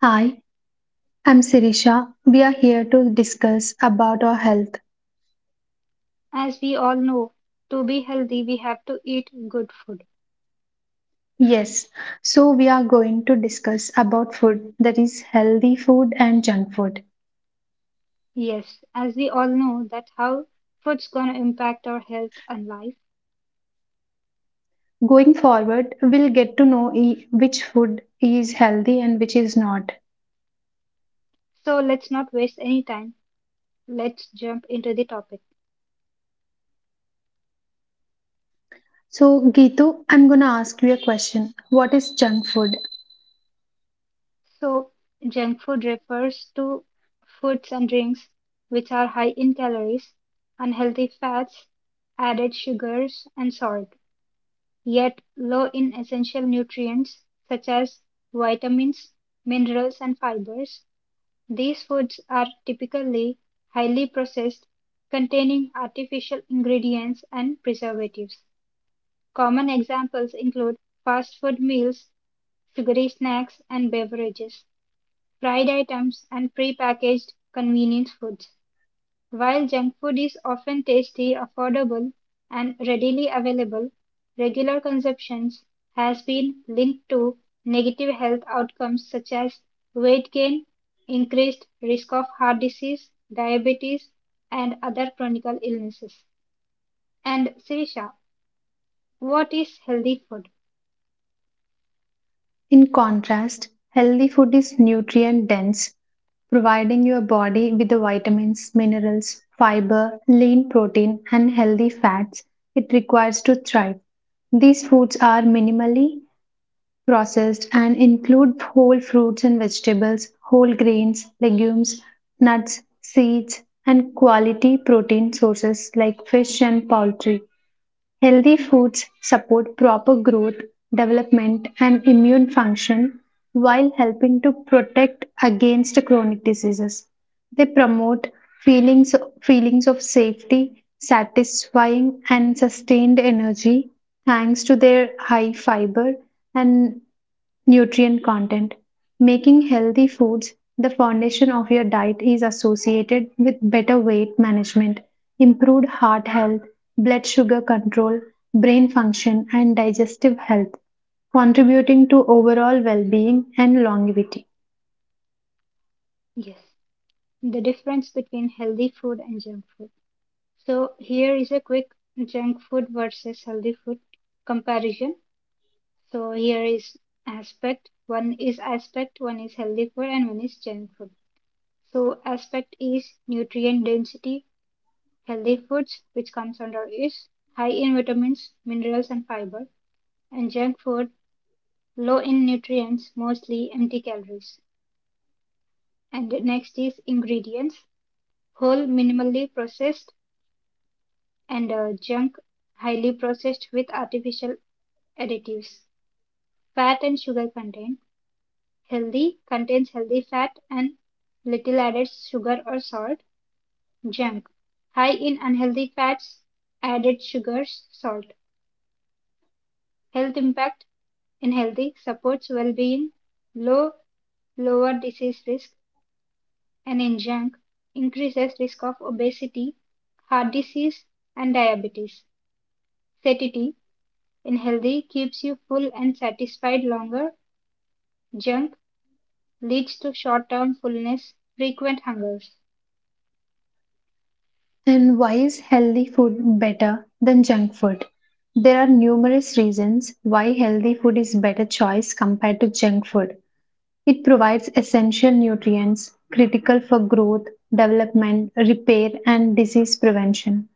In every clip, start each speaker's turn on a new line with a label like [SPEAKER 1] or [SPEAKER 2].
[SPEAKER 1] Hi, I'm Sirisha. We are here to discuss about our health.
[SPEAKER 2] As we all know, to be healthy we have to eat good food.
[SPEAKER 1] Yes, so we are going to discuss about food that is healthy food and junk food.
[SPEAKER 2] Yes, as we all know that how food's gonna impact our health and life.
[SPEAKER 1] Going forward, we'll get to know which food is healthy and which is not.
[SPEAKER 2] So let's not waste any time. Let's jump into the topic.
[SPEAKER 1] So, Gitu, I'm gonna ask you a question. What is junk food?
[SPEAKER 2] So junk food refers to foods and drinks which are high in calories, unhealthy fats, added sugars and salt. Yet low in essential nutrients such as vitamins, minerals and fibers, these foods are typically highly processed, containing artificial ingredients and preservatives. Common examples include fast food meals, sugary snacks and beverages, fried items, and prepackaged convenience foods. While junk food is often tasty, affordable, and readily available, regular consumption has been linked to negative health outcomes such as weight gain, increased risk of heart disease, diabetes, and other chronic illnesses. And Sirisha, what is healthy food?
[SPEAKER 1] In contrast, healthy food is nutrient dense, providing your body with the vitamins, minerals, fiber, lean protein, and healthy fats it requires to thrive. These foods are minimally processed and include whole fruits and vegetables, whole grains, legumes, nuts, seeds, and quality protein sources like fish and poultry. Healthy foods support proper growth, development, and immune function while helping to protect against chronic diseases. They promote feelings, feelings of safety, satisfying, and sustained energy thanks to their high fiber and Nutrient content. Making healthy foods the foundation of your diet is associated with better weight management, improved heart health, blood sugar control, brain function, and digestive health, contributing to overall well being and longevity.
[SPEAKER 2] Yes, the difference between healthy food and junk food. So here is a quick junk food versus healthy food comparison. So here is aspect. One is aspect, one is healthy food, and one is junk food. So aspect is nutrient density. Healthy foods, which comes under is high in vitamins, minerals, and fiber, and junk food low in nutrients, mostly empty calories. And next is ingredients: whole, minimally processed, and junk, highly processed with artificial additives. Fat and sugar content. Healthy contains healthy fat and little added sugar or salt. Junk high in unhealthy fats, added sugars, salt. Health impact in healthy supports well-being, low lower disease risk, and in junk increases risk of obesity, heart disease, and diabetes. Satiety in healthy keeps you full and satisfied longer. Junk leads to short-term fullness, frequent hungers.
[SPEAKER 1] And why is healthy food better than junk food? There are numerous reasons why healthy food is better choice compared to junk food. It provides essential nutrients critical for growth, development, repair, and disease prevention.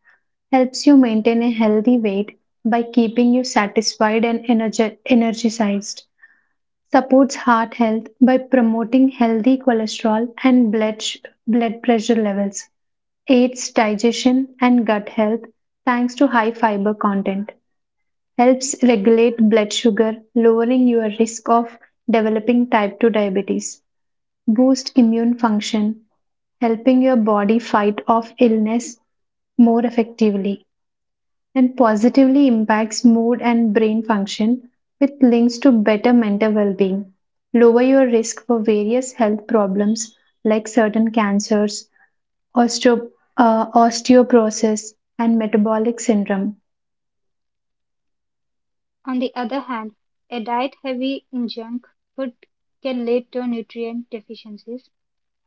[SPEAKER 1] Helps you maintain a healthy weight by keeping you satisfied and energized. Supports heart health by promoting healthy cholesterol and blood pressure levels. Aids digestion and gut health thanks to high fiber content. Helps regulate blood sugar, lowering your risk of developing type 2 diabetes boost immune function, helping your body fight off illness more effectively, and positively impacts mood and brain function with links to better mental well being. Lower your risk for various health problems like certain cancers, osteo- osteoporosis, and metabolic syndrome.
[SPEAKER 2] On the other hand, a diet heavy in junk food can lead to nutrient deficiencies,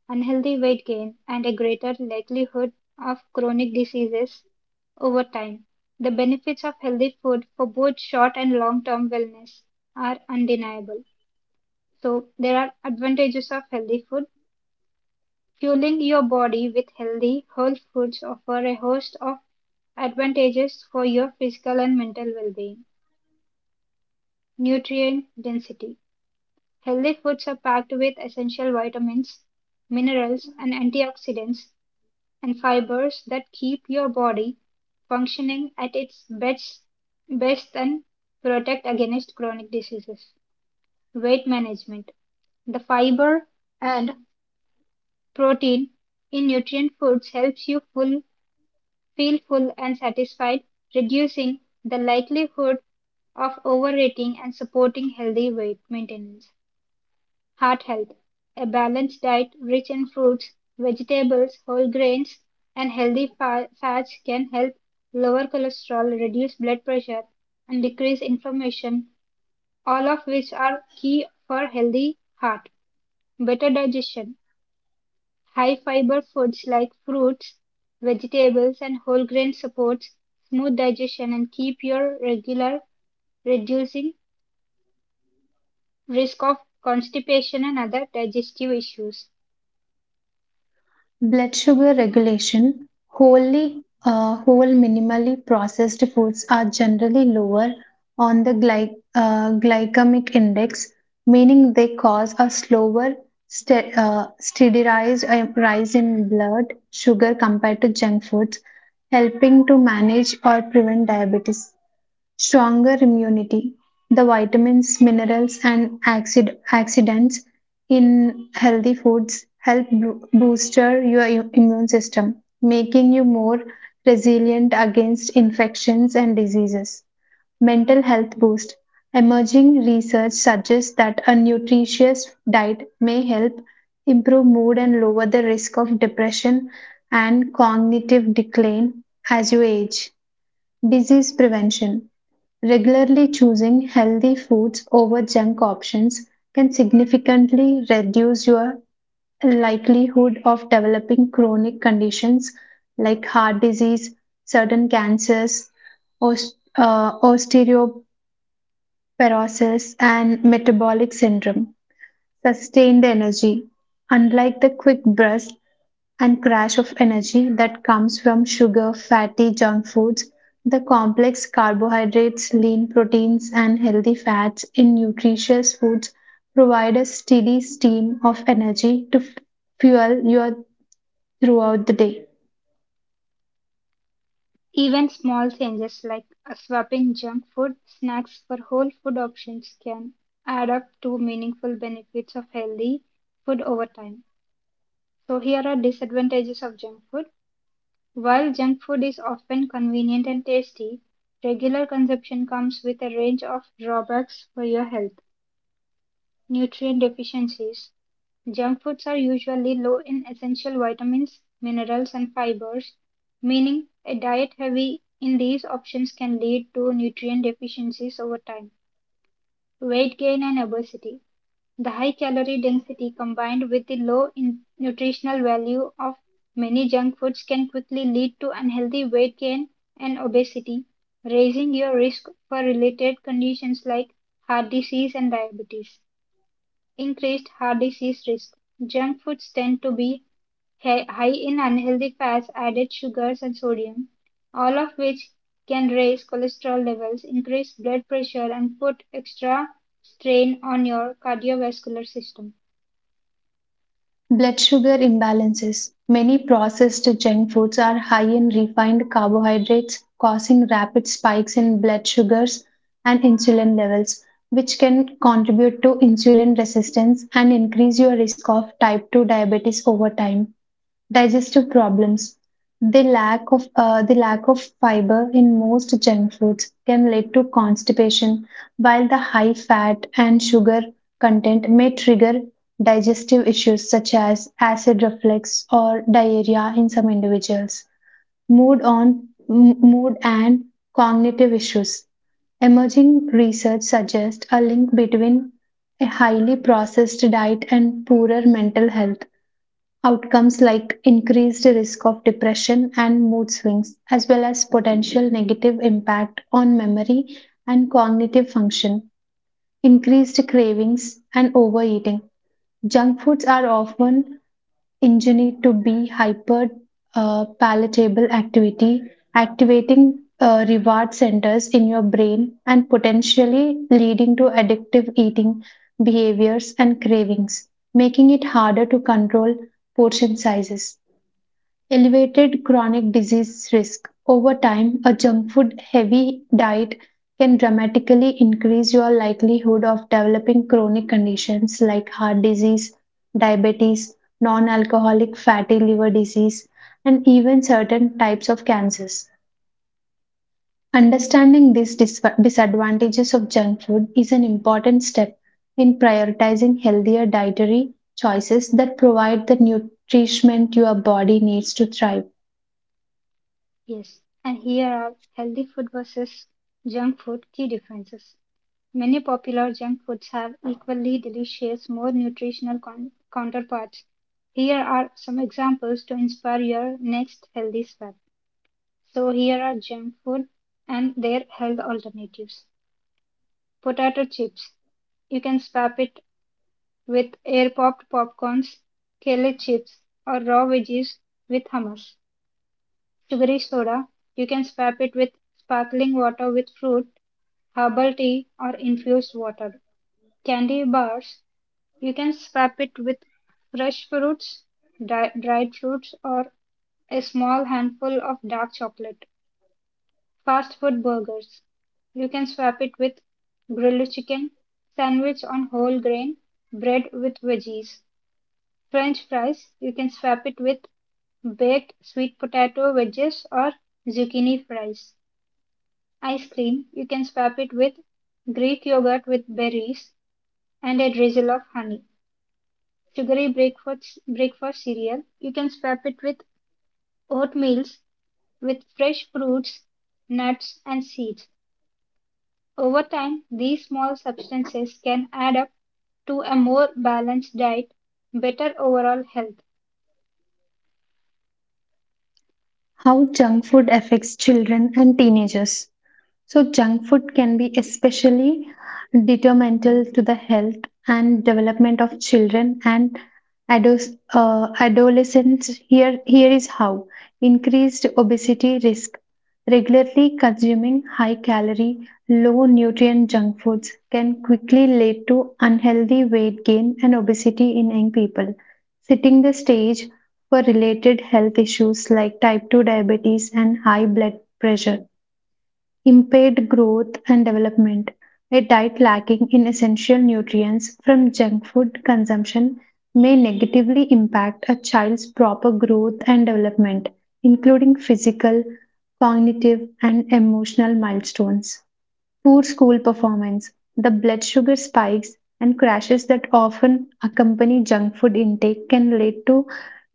[SPEAKER 2] unhealthy weight gain, and a greater likelihood of chronic diseases over time. The benefits of healthy food for both short and long term wellness are undeniable. So, there are advantages of healthy food. Fueling your body with healthy, whole foods offer a host of advantages for your physical and mental well being. Nutrient density. Healthy foods are packed with essential vitamins, minerals, and antioxidants, and fibers that keep your body functioning at its best and protect against chronic diseases. Weight management. The fiber and protein in nutrient foods helps you feel full and satisfied, reducing the likelihood of overeating and supporting healthy weight maintenance. Heart health. A balanced diet rich in fruits, vegetables, whole grains, and healthy fats can help lower cholesterol, reduce blood pressure, and decrease inflammation, all of which are key for healthy heart. Better digestion. High fiber foods like fruits, vegetables, and whole grain supports smooth digestion and keep your regular, reducing risk of constipation and other digestive issues.
[SPEAKER 1] Blood sugar regulation. Whole minimally processed foods are generally lower on the glycemic index, meaning they cause a slower, ste- steadized rise in blood sugar compared to junk foods, helping to manage or prevent diabetes stronger immunity. The vitamins, minerals, and accidents in healthy foods help booster your immune system, making you more resilient against infections and diseases. Mental health boost. Emerging research suggests that a nutritious diet may help improve mood and lower the risk of depression and cognitive decline as you age. Disease prevention. Regularly choosing healthy foods over junk options can significantly reduce your likelihood of developing chronic conditions like heart disease, certain cancers, osteoporosis, and metabolic syndrome. Sustained energy. Unlike the quick bursts and crash of energy that comes from sugar, fatty junk foods, the complex carbohydrates, lean proteins, and healthy fats in nutritious foods provide a steady stream of energy to fuel you throughout the day.
[SPEAKER 2] Even small changes like swapping junk food snacks for whole food options can add up to meaningful benefits of healthy food over time. So here are disadvantages of junk food. While junk food is often convenient and tasty, regular consumption comes with a range of drawbacks for your health. Nutrient deficiencies: Junk foods are usually low in essential vitamins, minerals, and fibers, meaning a diet heavy in these options can lead to nutrient deficiencies over time. Weight gain and obesity. The high calorie density combined with the low in nutritional value of many junk foods can quickly lead to unhealthy weight gain and obesity, raising your risk for related conditions like heart disease and diabetes increased heart disease risk. Junk foods tend to be high in unhealthy fats, added sugars, and sodium, all of which can raise cholesterol levels, increase blood pressure, and put extra strain on your cardiovascular system.
[SPEAKER 1] Blood sugar imbalances. Many processed junk foods are high in refined carbohydrates, causing rapid spikes in blood sugars and insulin levels, which can contribute to insulin resistance and increase your risk of type 2 diabetes over time digestive problems. The lack of fiber in most junk foods can lead to constipation, while the high fat and sugar content may trigger digestive issues such as acid reflux or diarrhea in some individuals. Mood and cognitive issues. Emerging research suggests a link between a highly processed diet and poorer mental health. Outcomes like increased risk of depression and mood swings, as well as potential negative impact on memory and cognitive function, increased cravings, and overeating. Junk foods are often engineered to be uh, palatable activity, activating reward centers in your brain and potentially leading to addictive eating behaviors and cravings, making it harder to control portion sizes. Elevated chronic disease risk. Over time, a junk food heavy diet can dramatically increase your likelihood of developing chronic conditions like heart disease, diabetes, non alcoholic fatty liver disease, and even certain types of cancers. Understanding these disadvantages of junk food is an important step in prioritizing healthier dietary choices that provide the nutrition your body needs to thrive.
[SPEAKER 2] Yes, and here are healthy food versus junk food key differences. Many popular junk foods have equally delicious, more nutritional counterparts. Here are some examples to inspire your next healthy swap. So here are junk food and their health alternatives. Potato chips. You can swap it with air popped popcorns, kale chips, or raw veggies with hummus. Sugary soda. You can swap it with sparkling water with fruit, herbal tea, or infused water. Candy bars. You can swap it with fresh fruits, dried fruits, or a small handful of dark chocolate. Fast food burgers. You can swap it with grilled chicken, sandwich on whole grain, bread with veggies. French fries, you can swap it with baked sweet potato wedges or zucchini fries. Ice cream, you can swap it with Greek yogurt with berries and a drizzle of honey. Breakfast cereal, you can swap it with oatmeals with fresh fruits, nuts, and seeds. Over time, these small substances can add up to a more balanced diet, better overall health,
[SPEAKER 1] How junk food affects children and teenagers. So, junk food can be especially detrimental to the health and development of children and adolescents. Here is how increased obesity risk. Regularly consuming high calorie, low nutrient junk foods can quickly lead to unhealthy weight gain and obesity in young people, setting the stage for related health issues like type 2 diabetes and high blood pressure impaired growth and development. A diet lacking in essential nutrients from junk food consumption may negatively impact a child's proper growth and development, including physical, cognitive, and emotional milestones. Poor school performance, the blood sugar spikes, and crashes that often accompany junk food intake can lead to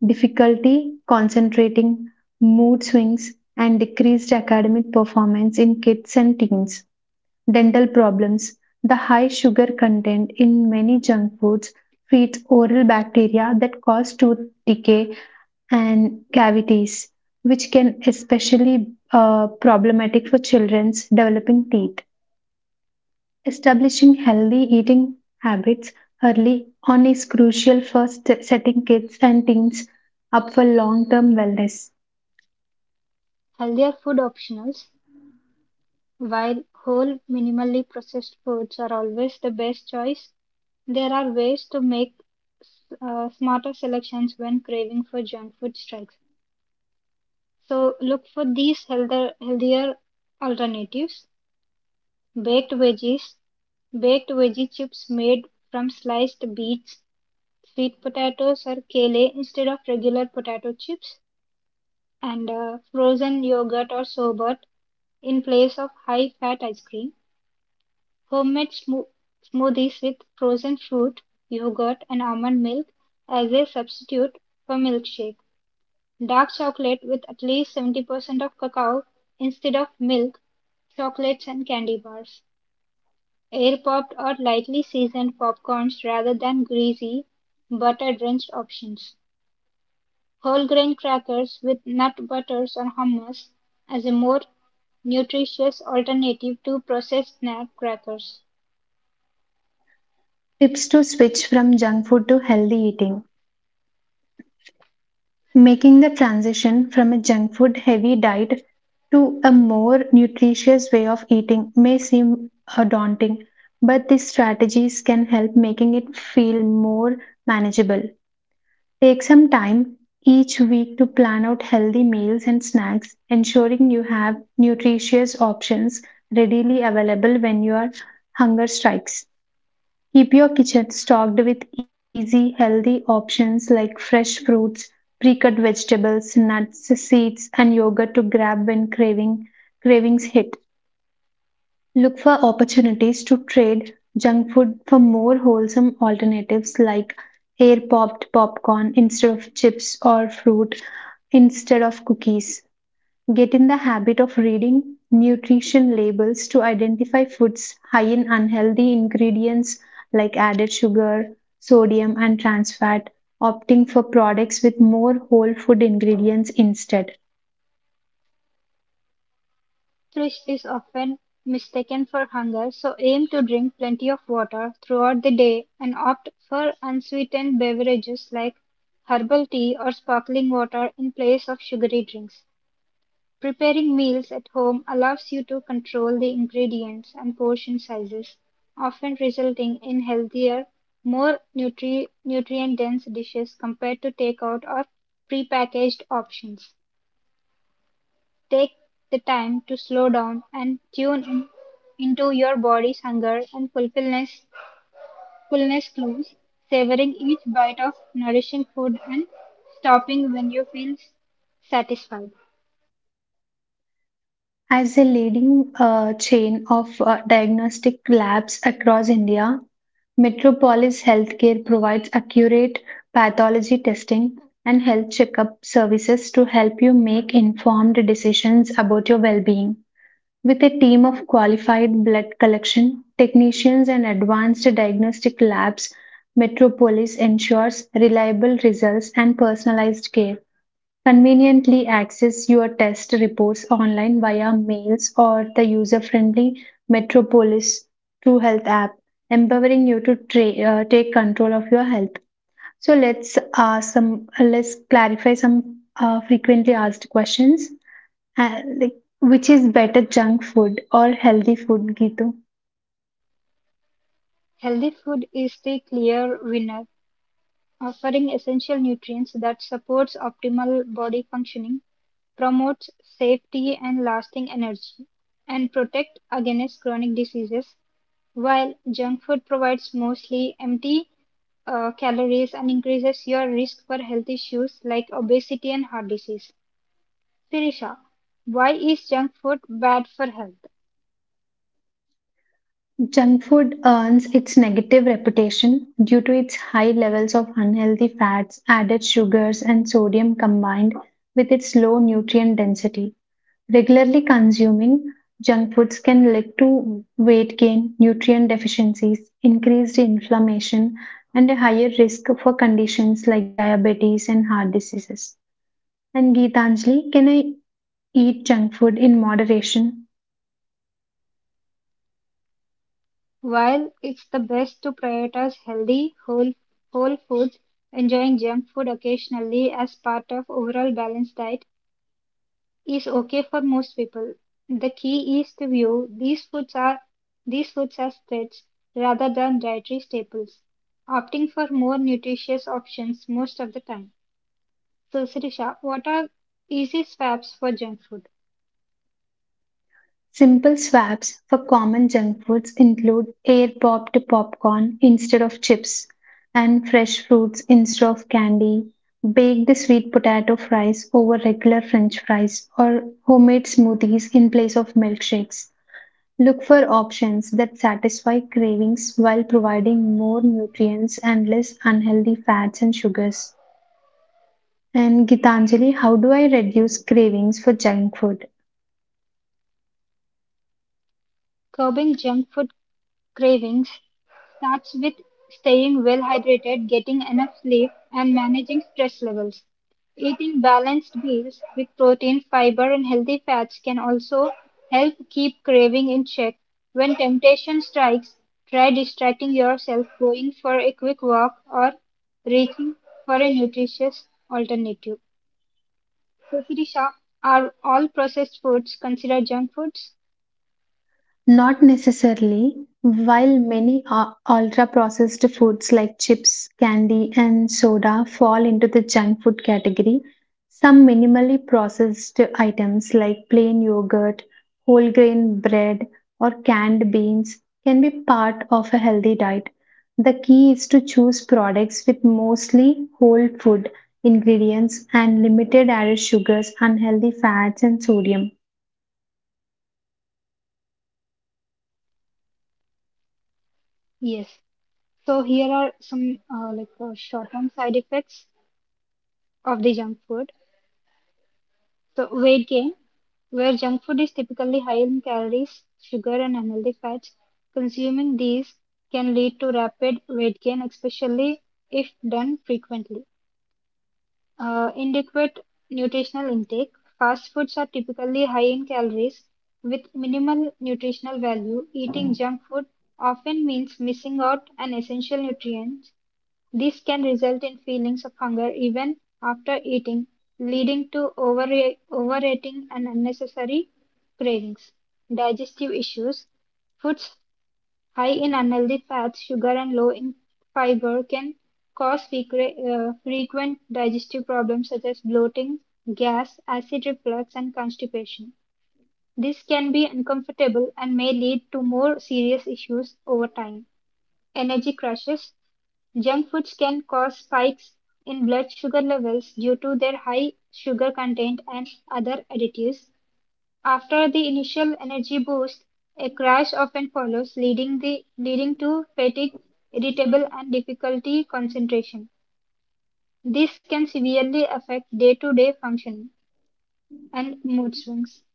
[SPEAKER 1] difficulty concentrating, mood swings, and decreased academic performance in kids and teens. Dental problems, the high sugar content in many junk foods feeds oral bacteria that cause tooth decay and cavities, which can especially problematic for children's developing teeth. Establishing healthy eating habits early on is crucial for setting kids and teens up for long term wellness.
[SPEAKER 2] healthier food optionals. While whole, minimally processed foods are always the best choice, there are ways to make smarter selections when craving for junk food strikes. So look for these healthier alternatives. Baked veggies, baked veggie chips made from sliced beets, sweet potatoes or kale instead of regular potato chips, and frozen yogurt or sorbet in place of high fat ice cream. Homemade smoothies with frozen fruit, yogurt, and almond milk as a substitute for milkshake. Dark chocolate with at least 70% of cacao instead of milk, chocolates, and candy bars. Air popped or lightly seasoned popcorns rather than greasy, butter drenched options. Whole-grain crackers with nut butters or hummus as a more nutritious alternative to processed snack crackers.
[SPEAKER 1] Tips to switch from junk food to healthy eating. Making the transition from a junk food heavy diet to a more nutritious way of eating may seem daunting, but these strategies can help making it feel more manageable. Take some time each week to plan out healthy meals and snacks, ensuring you have nutritious options readily available when your hunger strikes. Keep your kitchen stocked with easy, healthy options like fresh fruits, pre cut vegetables, nuts, seeds, and yogurt to grab when cravings hit. Look for opportunities to trade junk food for more wholesome alternatives like air popped popcorn instead of chips or fruit instead of cookies. Get in the habit of reading nutrition labels to identify foods high in unhealthy ingredients like added sugar, sodium, and trans fat, opting for products with more whole food ingredients instead.
[SPEAKER 2] Thirst is often mistaken for hunger, so aim to drink plenty of water throughout the day and opt for unsweetened beverages like herbal tea or sparkling water in place of sugary drinks. Preparing meals at home allows you to control the ingredients and portion sizes, often resulting in healthier, more nutrient dense dishes compared to takeout or prepackaged options. Take the time to slow down and tune in into your body's fullness clues, savoring each bite of nourishing food and stopping when you feel satisfied.
[SPEAKER 1] As a leading chain of diagnostic labs across India, Metropolis Healthcare provides accurate pathology testing and health checkup services to help you make informed decisions about your well being. With a team of qualified blood collection technicians and advanced diagnostic labs, Metropolis ensures reliable results and personalized care. Conveniently access your test reports online via mails or the user friendly Metropolis True Health app, empowering you to take control of your health. So let's ask let's clarify some frequently asked questions. Which is better junk food or healthy food, Gitu?
[SPEAKER 2] Healthy food is the clear winner offering essential nutrients that supports optimal body functioning, promotes safety and lasting energy, and protect against chronic diseases, while junk food provides mostly empty calories and increases your risk for health issues like obesity and heart disease. Sirisha, why is junk food bad for health?
[SPEAKER 1] Junk food earns its negative reputation due to its high levels of unhealthy fats, added sugars, and sodium combined with its low nutrient density. Regularly consuming junk foods can lead to weight gain, nutrient deficiencies, increased inflammation, and a higher risk for conditions like diabetes and heart diseases. And Geetanjali, can I eat junk food in moderation?
[SPEAKER 2] While it's the best to prioritize healthy, whole foods, enjoying junk food occasionally as part of overall balanced diet is okay for most people. The key is to view these foods are these foods as threats rather than dietary staples, opting for more nutritious options most of the time. So, Sirisha, what are easy swaps for junk food?
[SPEAKER 1] Simple swaps for common junk foods include air popped popcorn instead of chips, and fresh fruits instead of candy, baked sweet potato fries over regular french fries, or homemade smoothies in place of milkshakes. Look for options that satisfy cravings while providing more nutrients and less unhealthy fats and sugars. And Gitanjali, how do I reduce cravings for junk food?
[SPEAKER 2] Curbing junk food cravings starts with staying well hydrated, getting enough sleep, and managing stress levels. Eating balanced meals with protein, fiber, and healthy fats can also help keep craving in check. When temptation strikes, try distracting yourself, going for a quick walk, or reaching for a nutritious alternative. So, Sirisha, are all processed foods considered junk foods?
[SPEAKER 1] Not necessarily. While many ultra processed foods like chips, candy, and soda fall into the junk food category, some minimally processed items like plain yogurt, whole grain bread, or canned beans can be part of a healthy diet. The key is to choose products with mostly whole food ingredients and limited added sugars, unhealthy fats, and sodium.
[SPEAKER 2] Yes. So here are some short-term side effects of the junk food. So, weight gain, where junk food is typically high in calories, sugar, and unhealthy fats, consuming these can lead to rapid weight gain, especially if done frequently. Inadequate nutritional intake. Fast foods are typically high in calories with minimal nutritional value. Eating junk food often means missing out on essential nutrients. This can result in feelings of hunger even after eating, leading to overeating and unnecessary cravings. Digestive issues. Foods high in unhealthy fats, sugar, and low in fiber can cause frequent digestive problems such as bloating, gas, acid reflux, and constipation. This can be uncomfortable and may lead to more serious issues over time. Energy crashes. Junk foods can cause spikes in blood sugar levels due to their high sugar content and other additives. After the initial energy boost, a crash often follows, leading to fatigue, irritable, and difficulty concentration. This can severely affect day to day functioning and mood swings.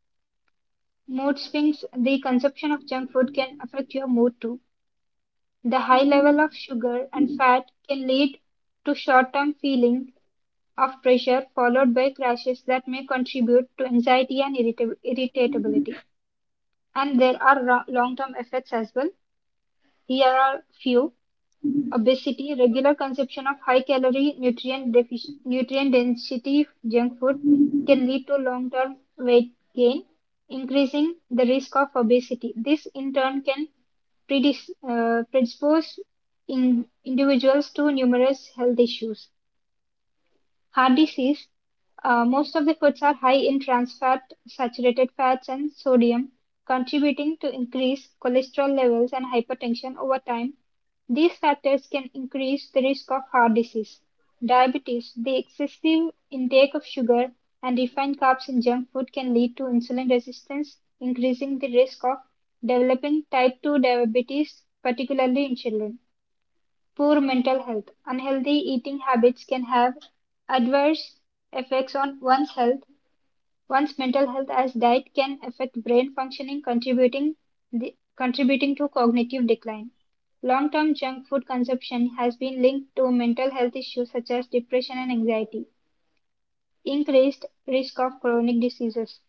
[SPEAKER 2] Mood swings, the consumption of junk food can affect your mood too. The high level of sugar and fat can lead to short-term feeling of pressure followed by crashes that may contribute to anxiety and irritability. And there are long-term effects as well. Here are few obesity, regular consumption of high calorie, nutrient density junk food can lead to long term weight gain, increasing the risk of obesity. This in turn can predispose in individuals to numerous health issues. Heart disease. Most of the foods are high in trans fat, saturated fats, and sodium, contributing to increased cholesterol levels and hypertension over time. These factors can increase the risk of heart disease. Diabetes, the excessive intake of sugar and refined carbs in junk food can lead to insulin resistance, increasing the risk of developing type 2 diabetes, particularly in children. Poor mental health. Unhealthy eating habits can have adverse effects on one's health. One's mental health, as diet can affect brain functioning, contributing to cognitive decline. Long-term junk food consumption has been linked to mental health issues such as depression and anxiety, increased risk of chronic diseases.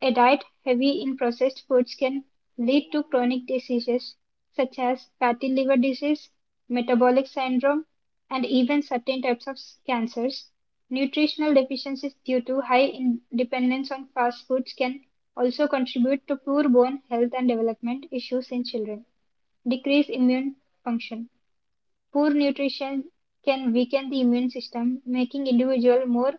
[SPEAKER 2] A diet heavy in processed foods can lead to chronic diseases such as fatty liver disease, metabolic syndrome, and even certain types of cancers. Nutritional deficiencies due to high dependence on fast foods can also contribute to poor bone health and development issues in children. Decreased immune function. Poor nutrition can weaken the immune system, making individuals more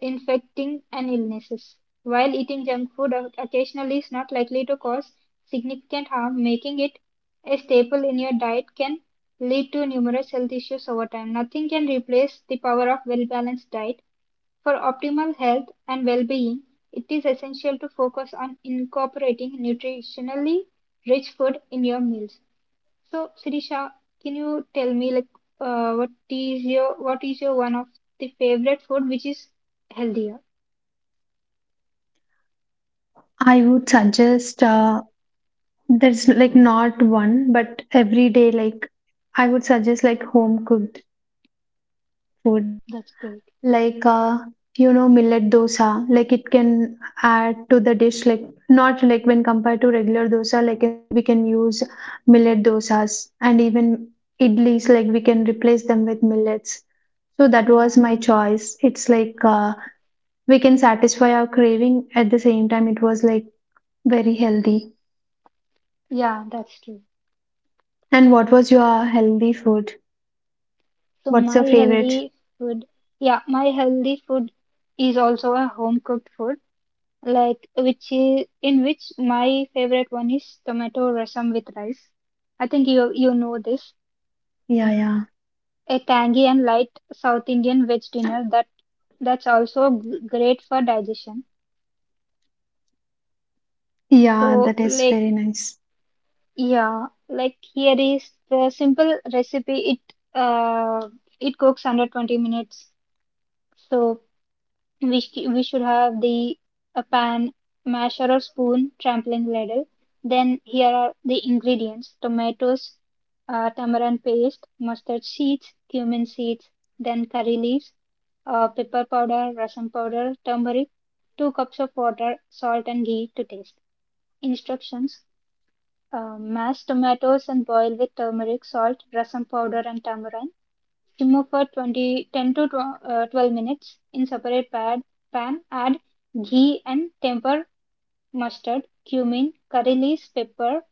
[SPEAKER 2] infecting and illnesses. While eating junk food occasionally is not likely to cause significant harm, making it a staple in your diet can lead to numerous health issues over time. Nothing can replace the power of well balanced diet. For optimal health and well being, it is essential to focus on incorporating nutritionally rich food in your meals. So, Sirisha, can you tell me, like what is your one of the favorite food which is healthier?
[SPEAKER 1] I would suggest there's like not one, but every day, like I would suggest like home cooked food,
[SPEAKER 2] That's great.
[SPEAKER 1] like millet dosa. Like it can add to the dish, like not like when compared to regular dosa, we can use millet dosas and even idlis, like we can replace them with millets. So that was
[SPEAKER 2] Yeah,
[SPEAKER 1] my choice. It's like we can satisfy our craving at the same time. It was like very healthy.
[SPEAKER 2] yeah, that's true.
[SPEAKER 1] And what was your healthy food?
[SPEAKER 2] So
[SPEAKER 1] What's
[SPEAKER 2] my
[SPEAKER 1] your favorite?
[SPEAKER 2] healthy food, yeah, my healthy food is also a home cooked food, like which is in which my favorite one is tomato rasam with rice. I think you know this,
[SPEAKER 1] Yeah, yeah.
[SPEAKER 2] a tangy and light South Indian veg dinner that great for digestion.
[SPEAKER 1] Yeah,
[SPEAKER 2] So
[SPEAKER 1] that is
[SPEAKER 2] like
[SPEAKER 1] very nice.
[SPEAKER 2] yeah, like here is the simple recipe. It cooks under 20 minutes. So we should have the a pan, masher or spoon, trampling ladle. Then here are the ingredients: tomatoes, tamarind paste, mustard seeds, cumin seeds, then curry leaves, pepper powder, rasam powder, turmeric, 2 cups of water, salt and ghee to taste. Instructions: mash tomatoes and boil with turmeric, salt, rasam powder, and tamarind. Simmer for 20 10 to 12 minutes in separate pan. Add ghee and temper mustard, cumin, curry leaves, pepper.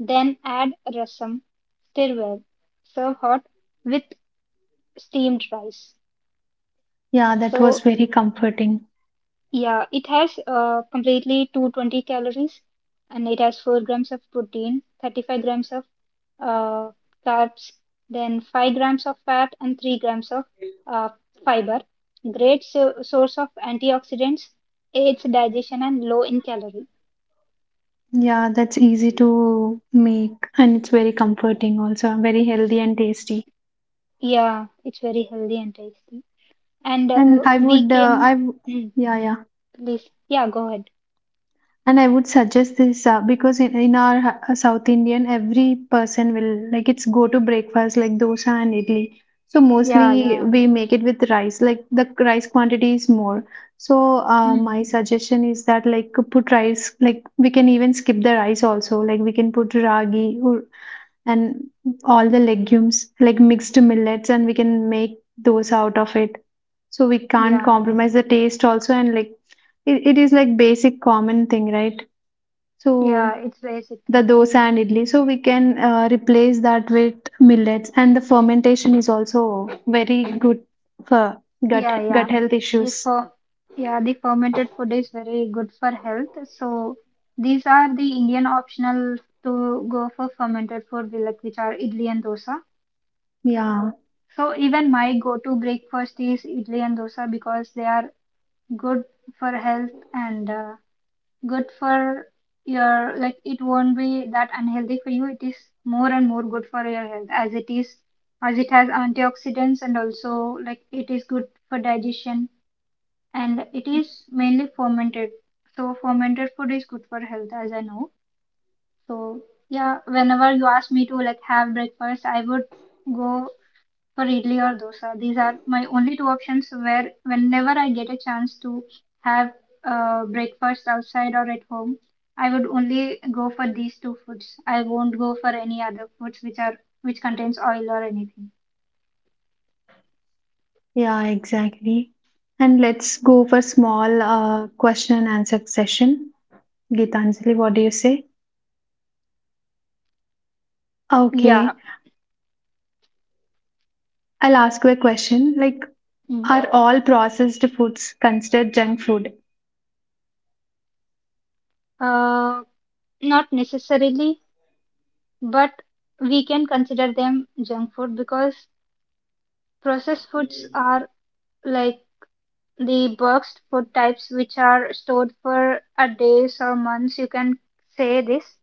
[SPEAKER 2] Then add rasam. Stir well. Serve hot with steamed rice.
[SPEAKER 1] Yeah, that was
[SPEAKER 2] So
[SPEAKER 1] very comforting.
[SPEAKER 2] yeah, it has completely 220 calories and it has 4 grams of protein, 35 grams of uh, carbs, then 5 grams of fat and 3 grams of uh, fiber. Great source of antioxidants, aids digestion and low in calorie.
[SPEAKER 1] Yeah, that's easy to make and it's very comforting also, very healthy and tasty.
[SPEAKER 2] Yeah, it's very healthy and tasty. And
[SPEAKER 1] And I
[SPEAKER 2] we
[SPEAKER 1] would
[SPEAKER 2] can,
[SPEAKER 1] I w-
[SPEAKER 2] mm,
[SPEAKER 1] yeah, yeah.
[SPEAKER 2] please, yeah, go ahead.
[SPEAKER 1] and I would suggest this because in our south indian every person will like it's go to breakfast like dosa and idli so
[SPEAKER 2] Yeah,
[SPEAKER 1] mostly
[SPEAKER 2] yeah,
[SPEAKER 1] we make it with rice like the rice quantity is more so
[SPEAKER 2] mm,
[SPEAKER 1] my suggestion is that like put rice like we can even skip the rice also like we can put ragi and all the legumes like mixed millets and we can make those out of it so we can't
[SPEAKER 2] yeah, yeah,
[SPEAKER 1] compromise the taste also and like it is like basic common thing right
[SPEAKER 2] yeah.
[SPEAKER 1] so
[SPEAKER 2] It's basic
[SPEAKER 1] the
[SPEAKER 2] thing.
[SPEAKER 1] dosa and idli. So we can replace that with millets, and the fermentation is also very good for
[SPEAKER 2] Yeah,
[SPEAKER 1] gut
[SPEAKER 2] yeah.
[SPEAKER 1] health
[SPEAKER 2] The
[SPEAKER 1] issues.
[SPEAKER 2] fer Yeah, the fermented food is very good for health. So these are the Indian optional to go for fermented food, we like which are idli and dosa.
[SPEAKER 1] Yeah,
[SPEAKER 2] So even my go-to breakfast is idli and dosa because they are good for health and, good for your, like it won't be that unhealthy for you. It is more and more good for your health as it is as it has antioxidants and also like it is good for digestion and it is mainly fermented. So fermented food is good for health, as I know. So yeah, whenever you ask me to like have breakfast, I would go for idli or dosa. These are my only two options where whenever I get a chance to have breakfast outside or at home, I would only go for these two foods. I won't go for any other foods which contains oil or anything.
[SPEAKER 1] yeah, exactly. And let's go for small question and answer session. Gitanjali, what do you say?
[SPEAKER 2] Yeah.
[SPEAKER 1] Okay, I'll ask you a question. Like,
[SPEAKER 2] Mm.
[SPEAKER 1] are all processed foods considered junk food?
[SPEAKER 2] Uh, Not necessarily, but we can consider them junk food because processed foods are like the boxed food types which are stored for a days or months, you can say this.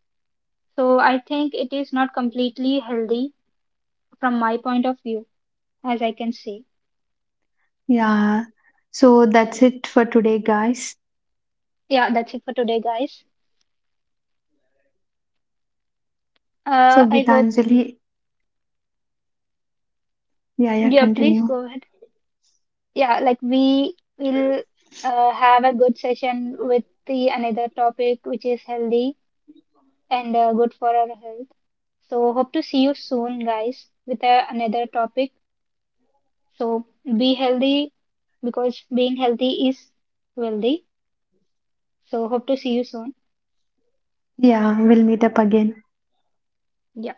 [SPEAKER 2] So I think it is not completely healthy from my point of view, as I can say.
[SPEAKER 1] Yeah. So that's it for today, guys.
[SPEAKER 2] Yeah, that's it for today, guys.
[SPEAKER 1] So
[SPEAKER 2] I hope,
[SPEAKER 1] Gitanjali, yeah, yeah,
[SPEAKER 2] yeah, please
[SPEAKER 1] continue.
[SPEAKER 2] go ahead, yeah, like we will have a good session with the another topic which is healthy and good for our health. So, hope to see you soon, guys, with another topic. So, be healthy, because being healthy is wealthy. So, hope to see you soon.
[SPEAKER 1] Yeah, we'll meet up again.
[SPEAKER 2] Yeah.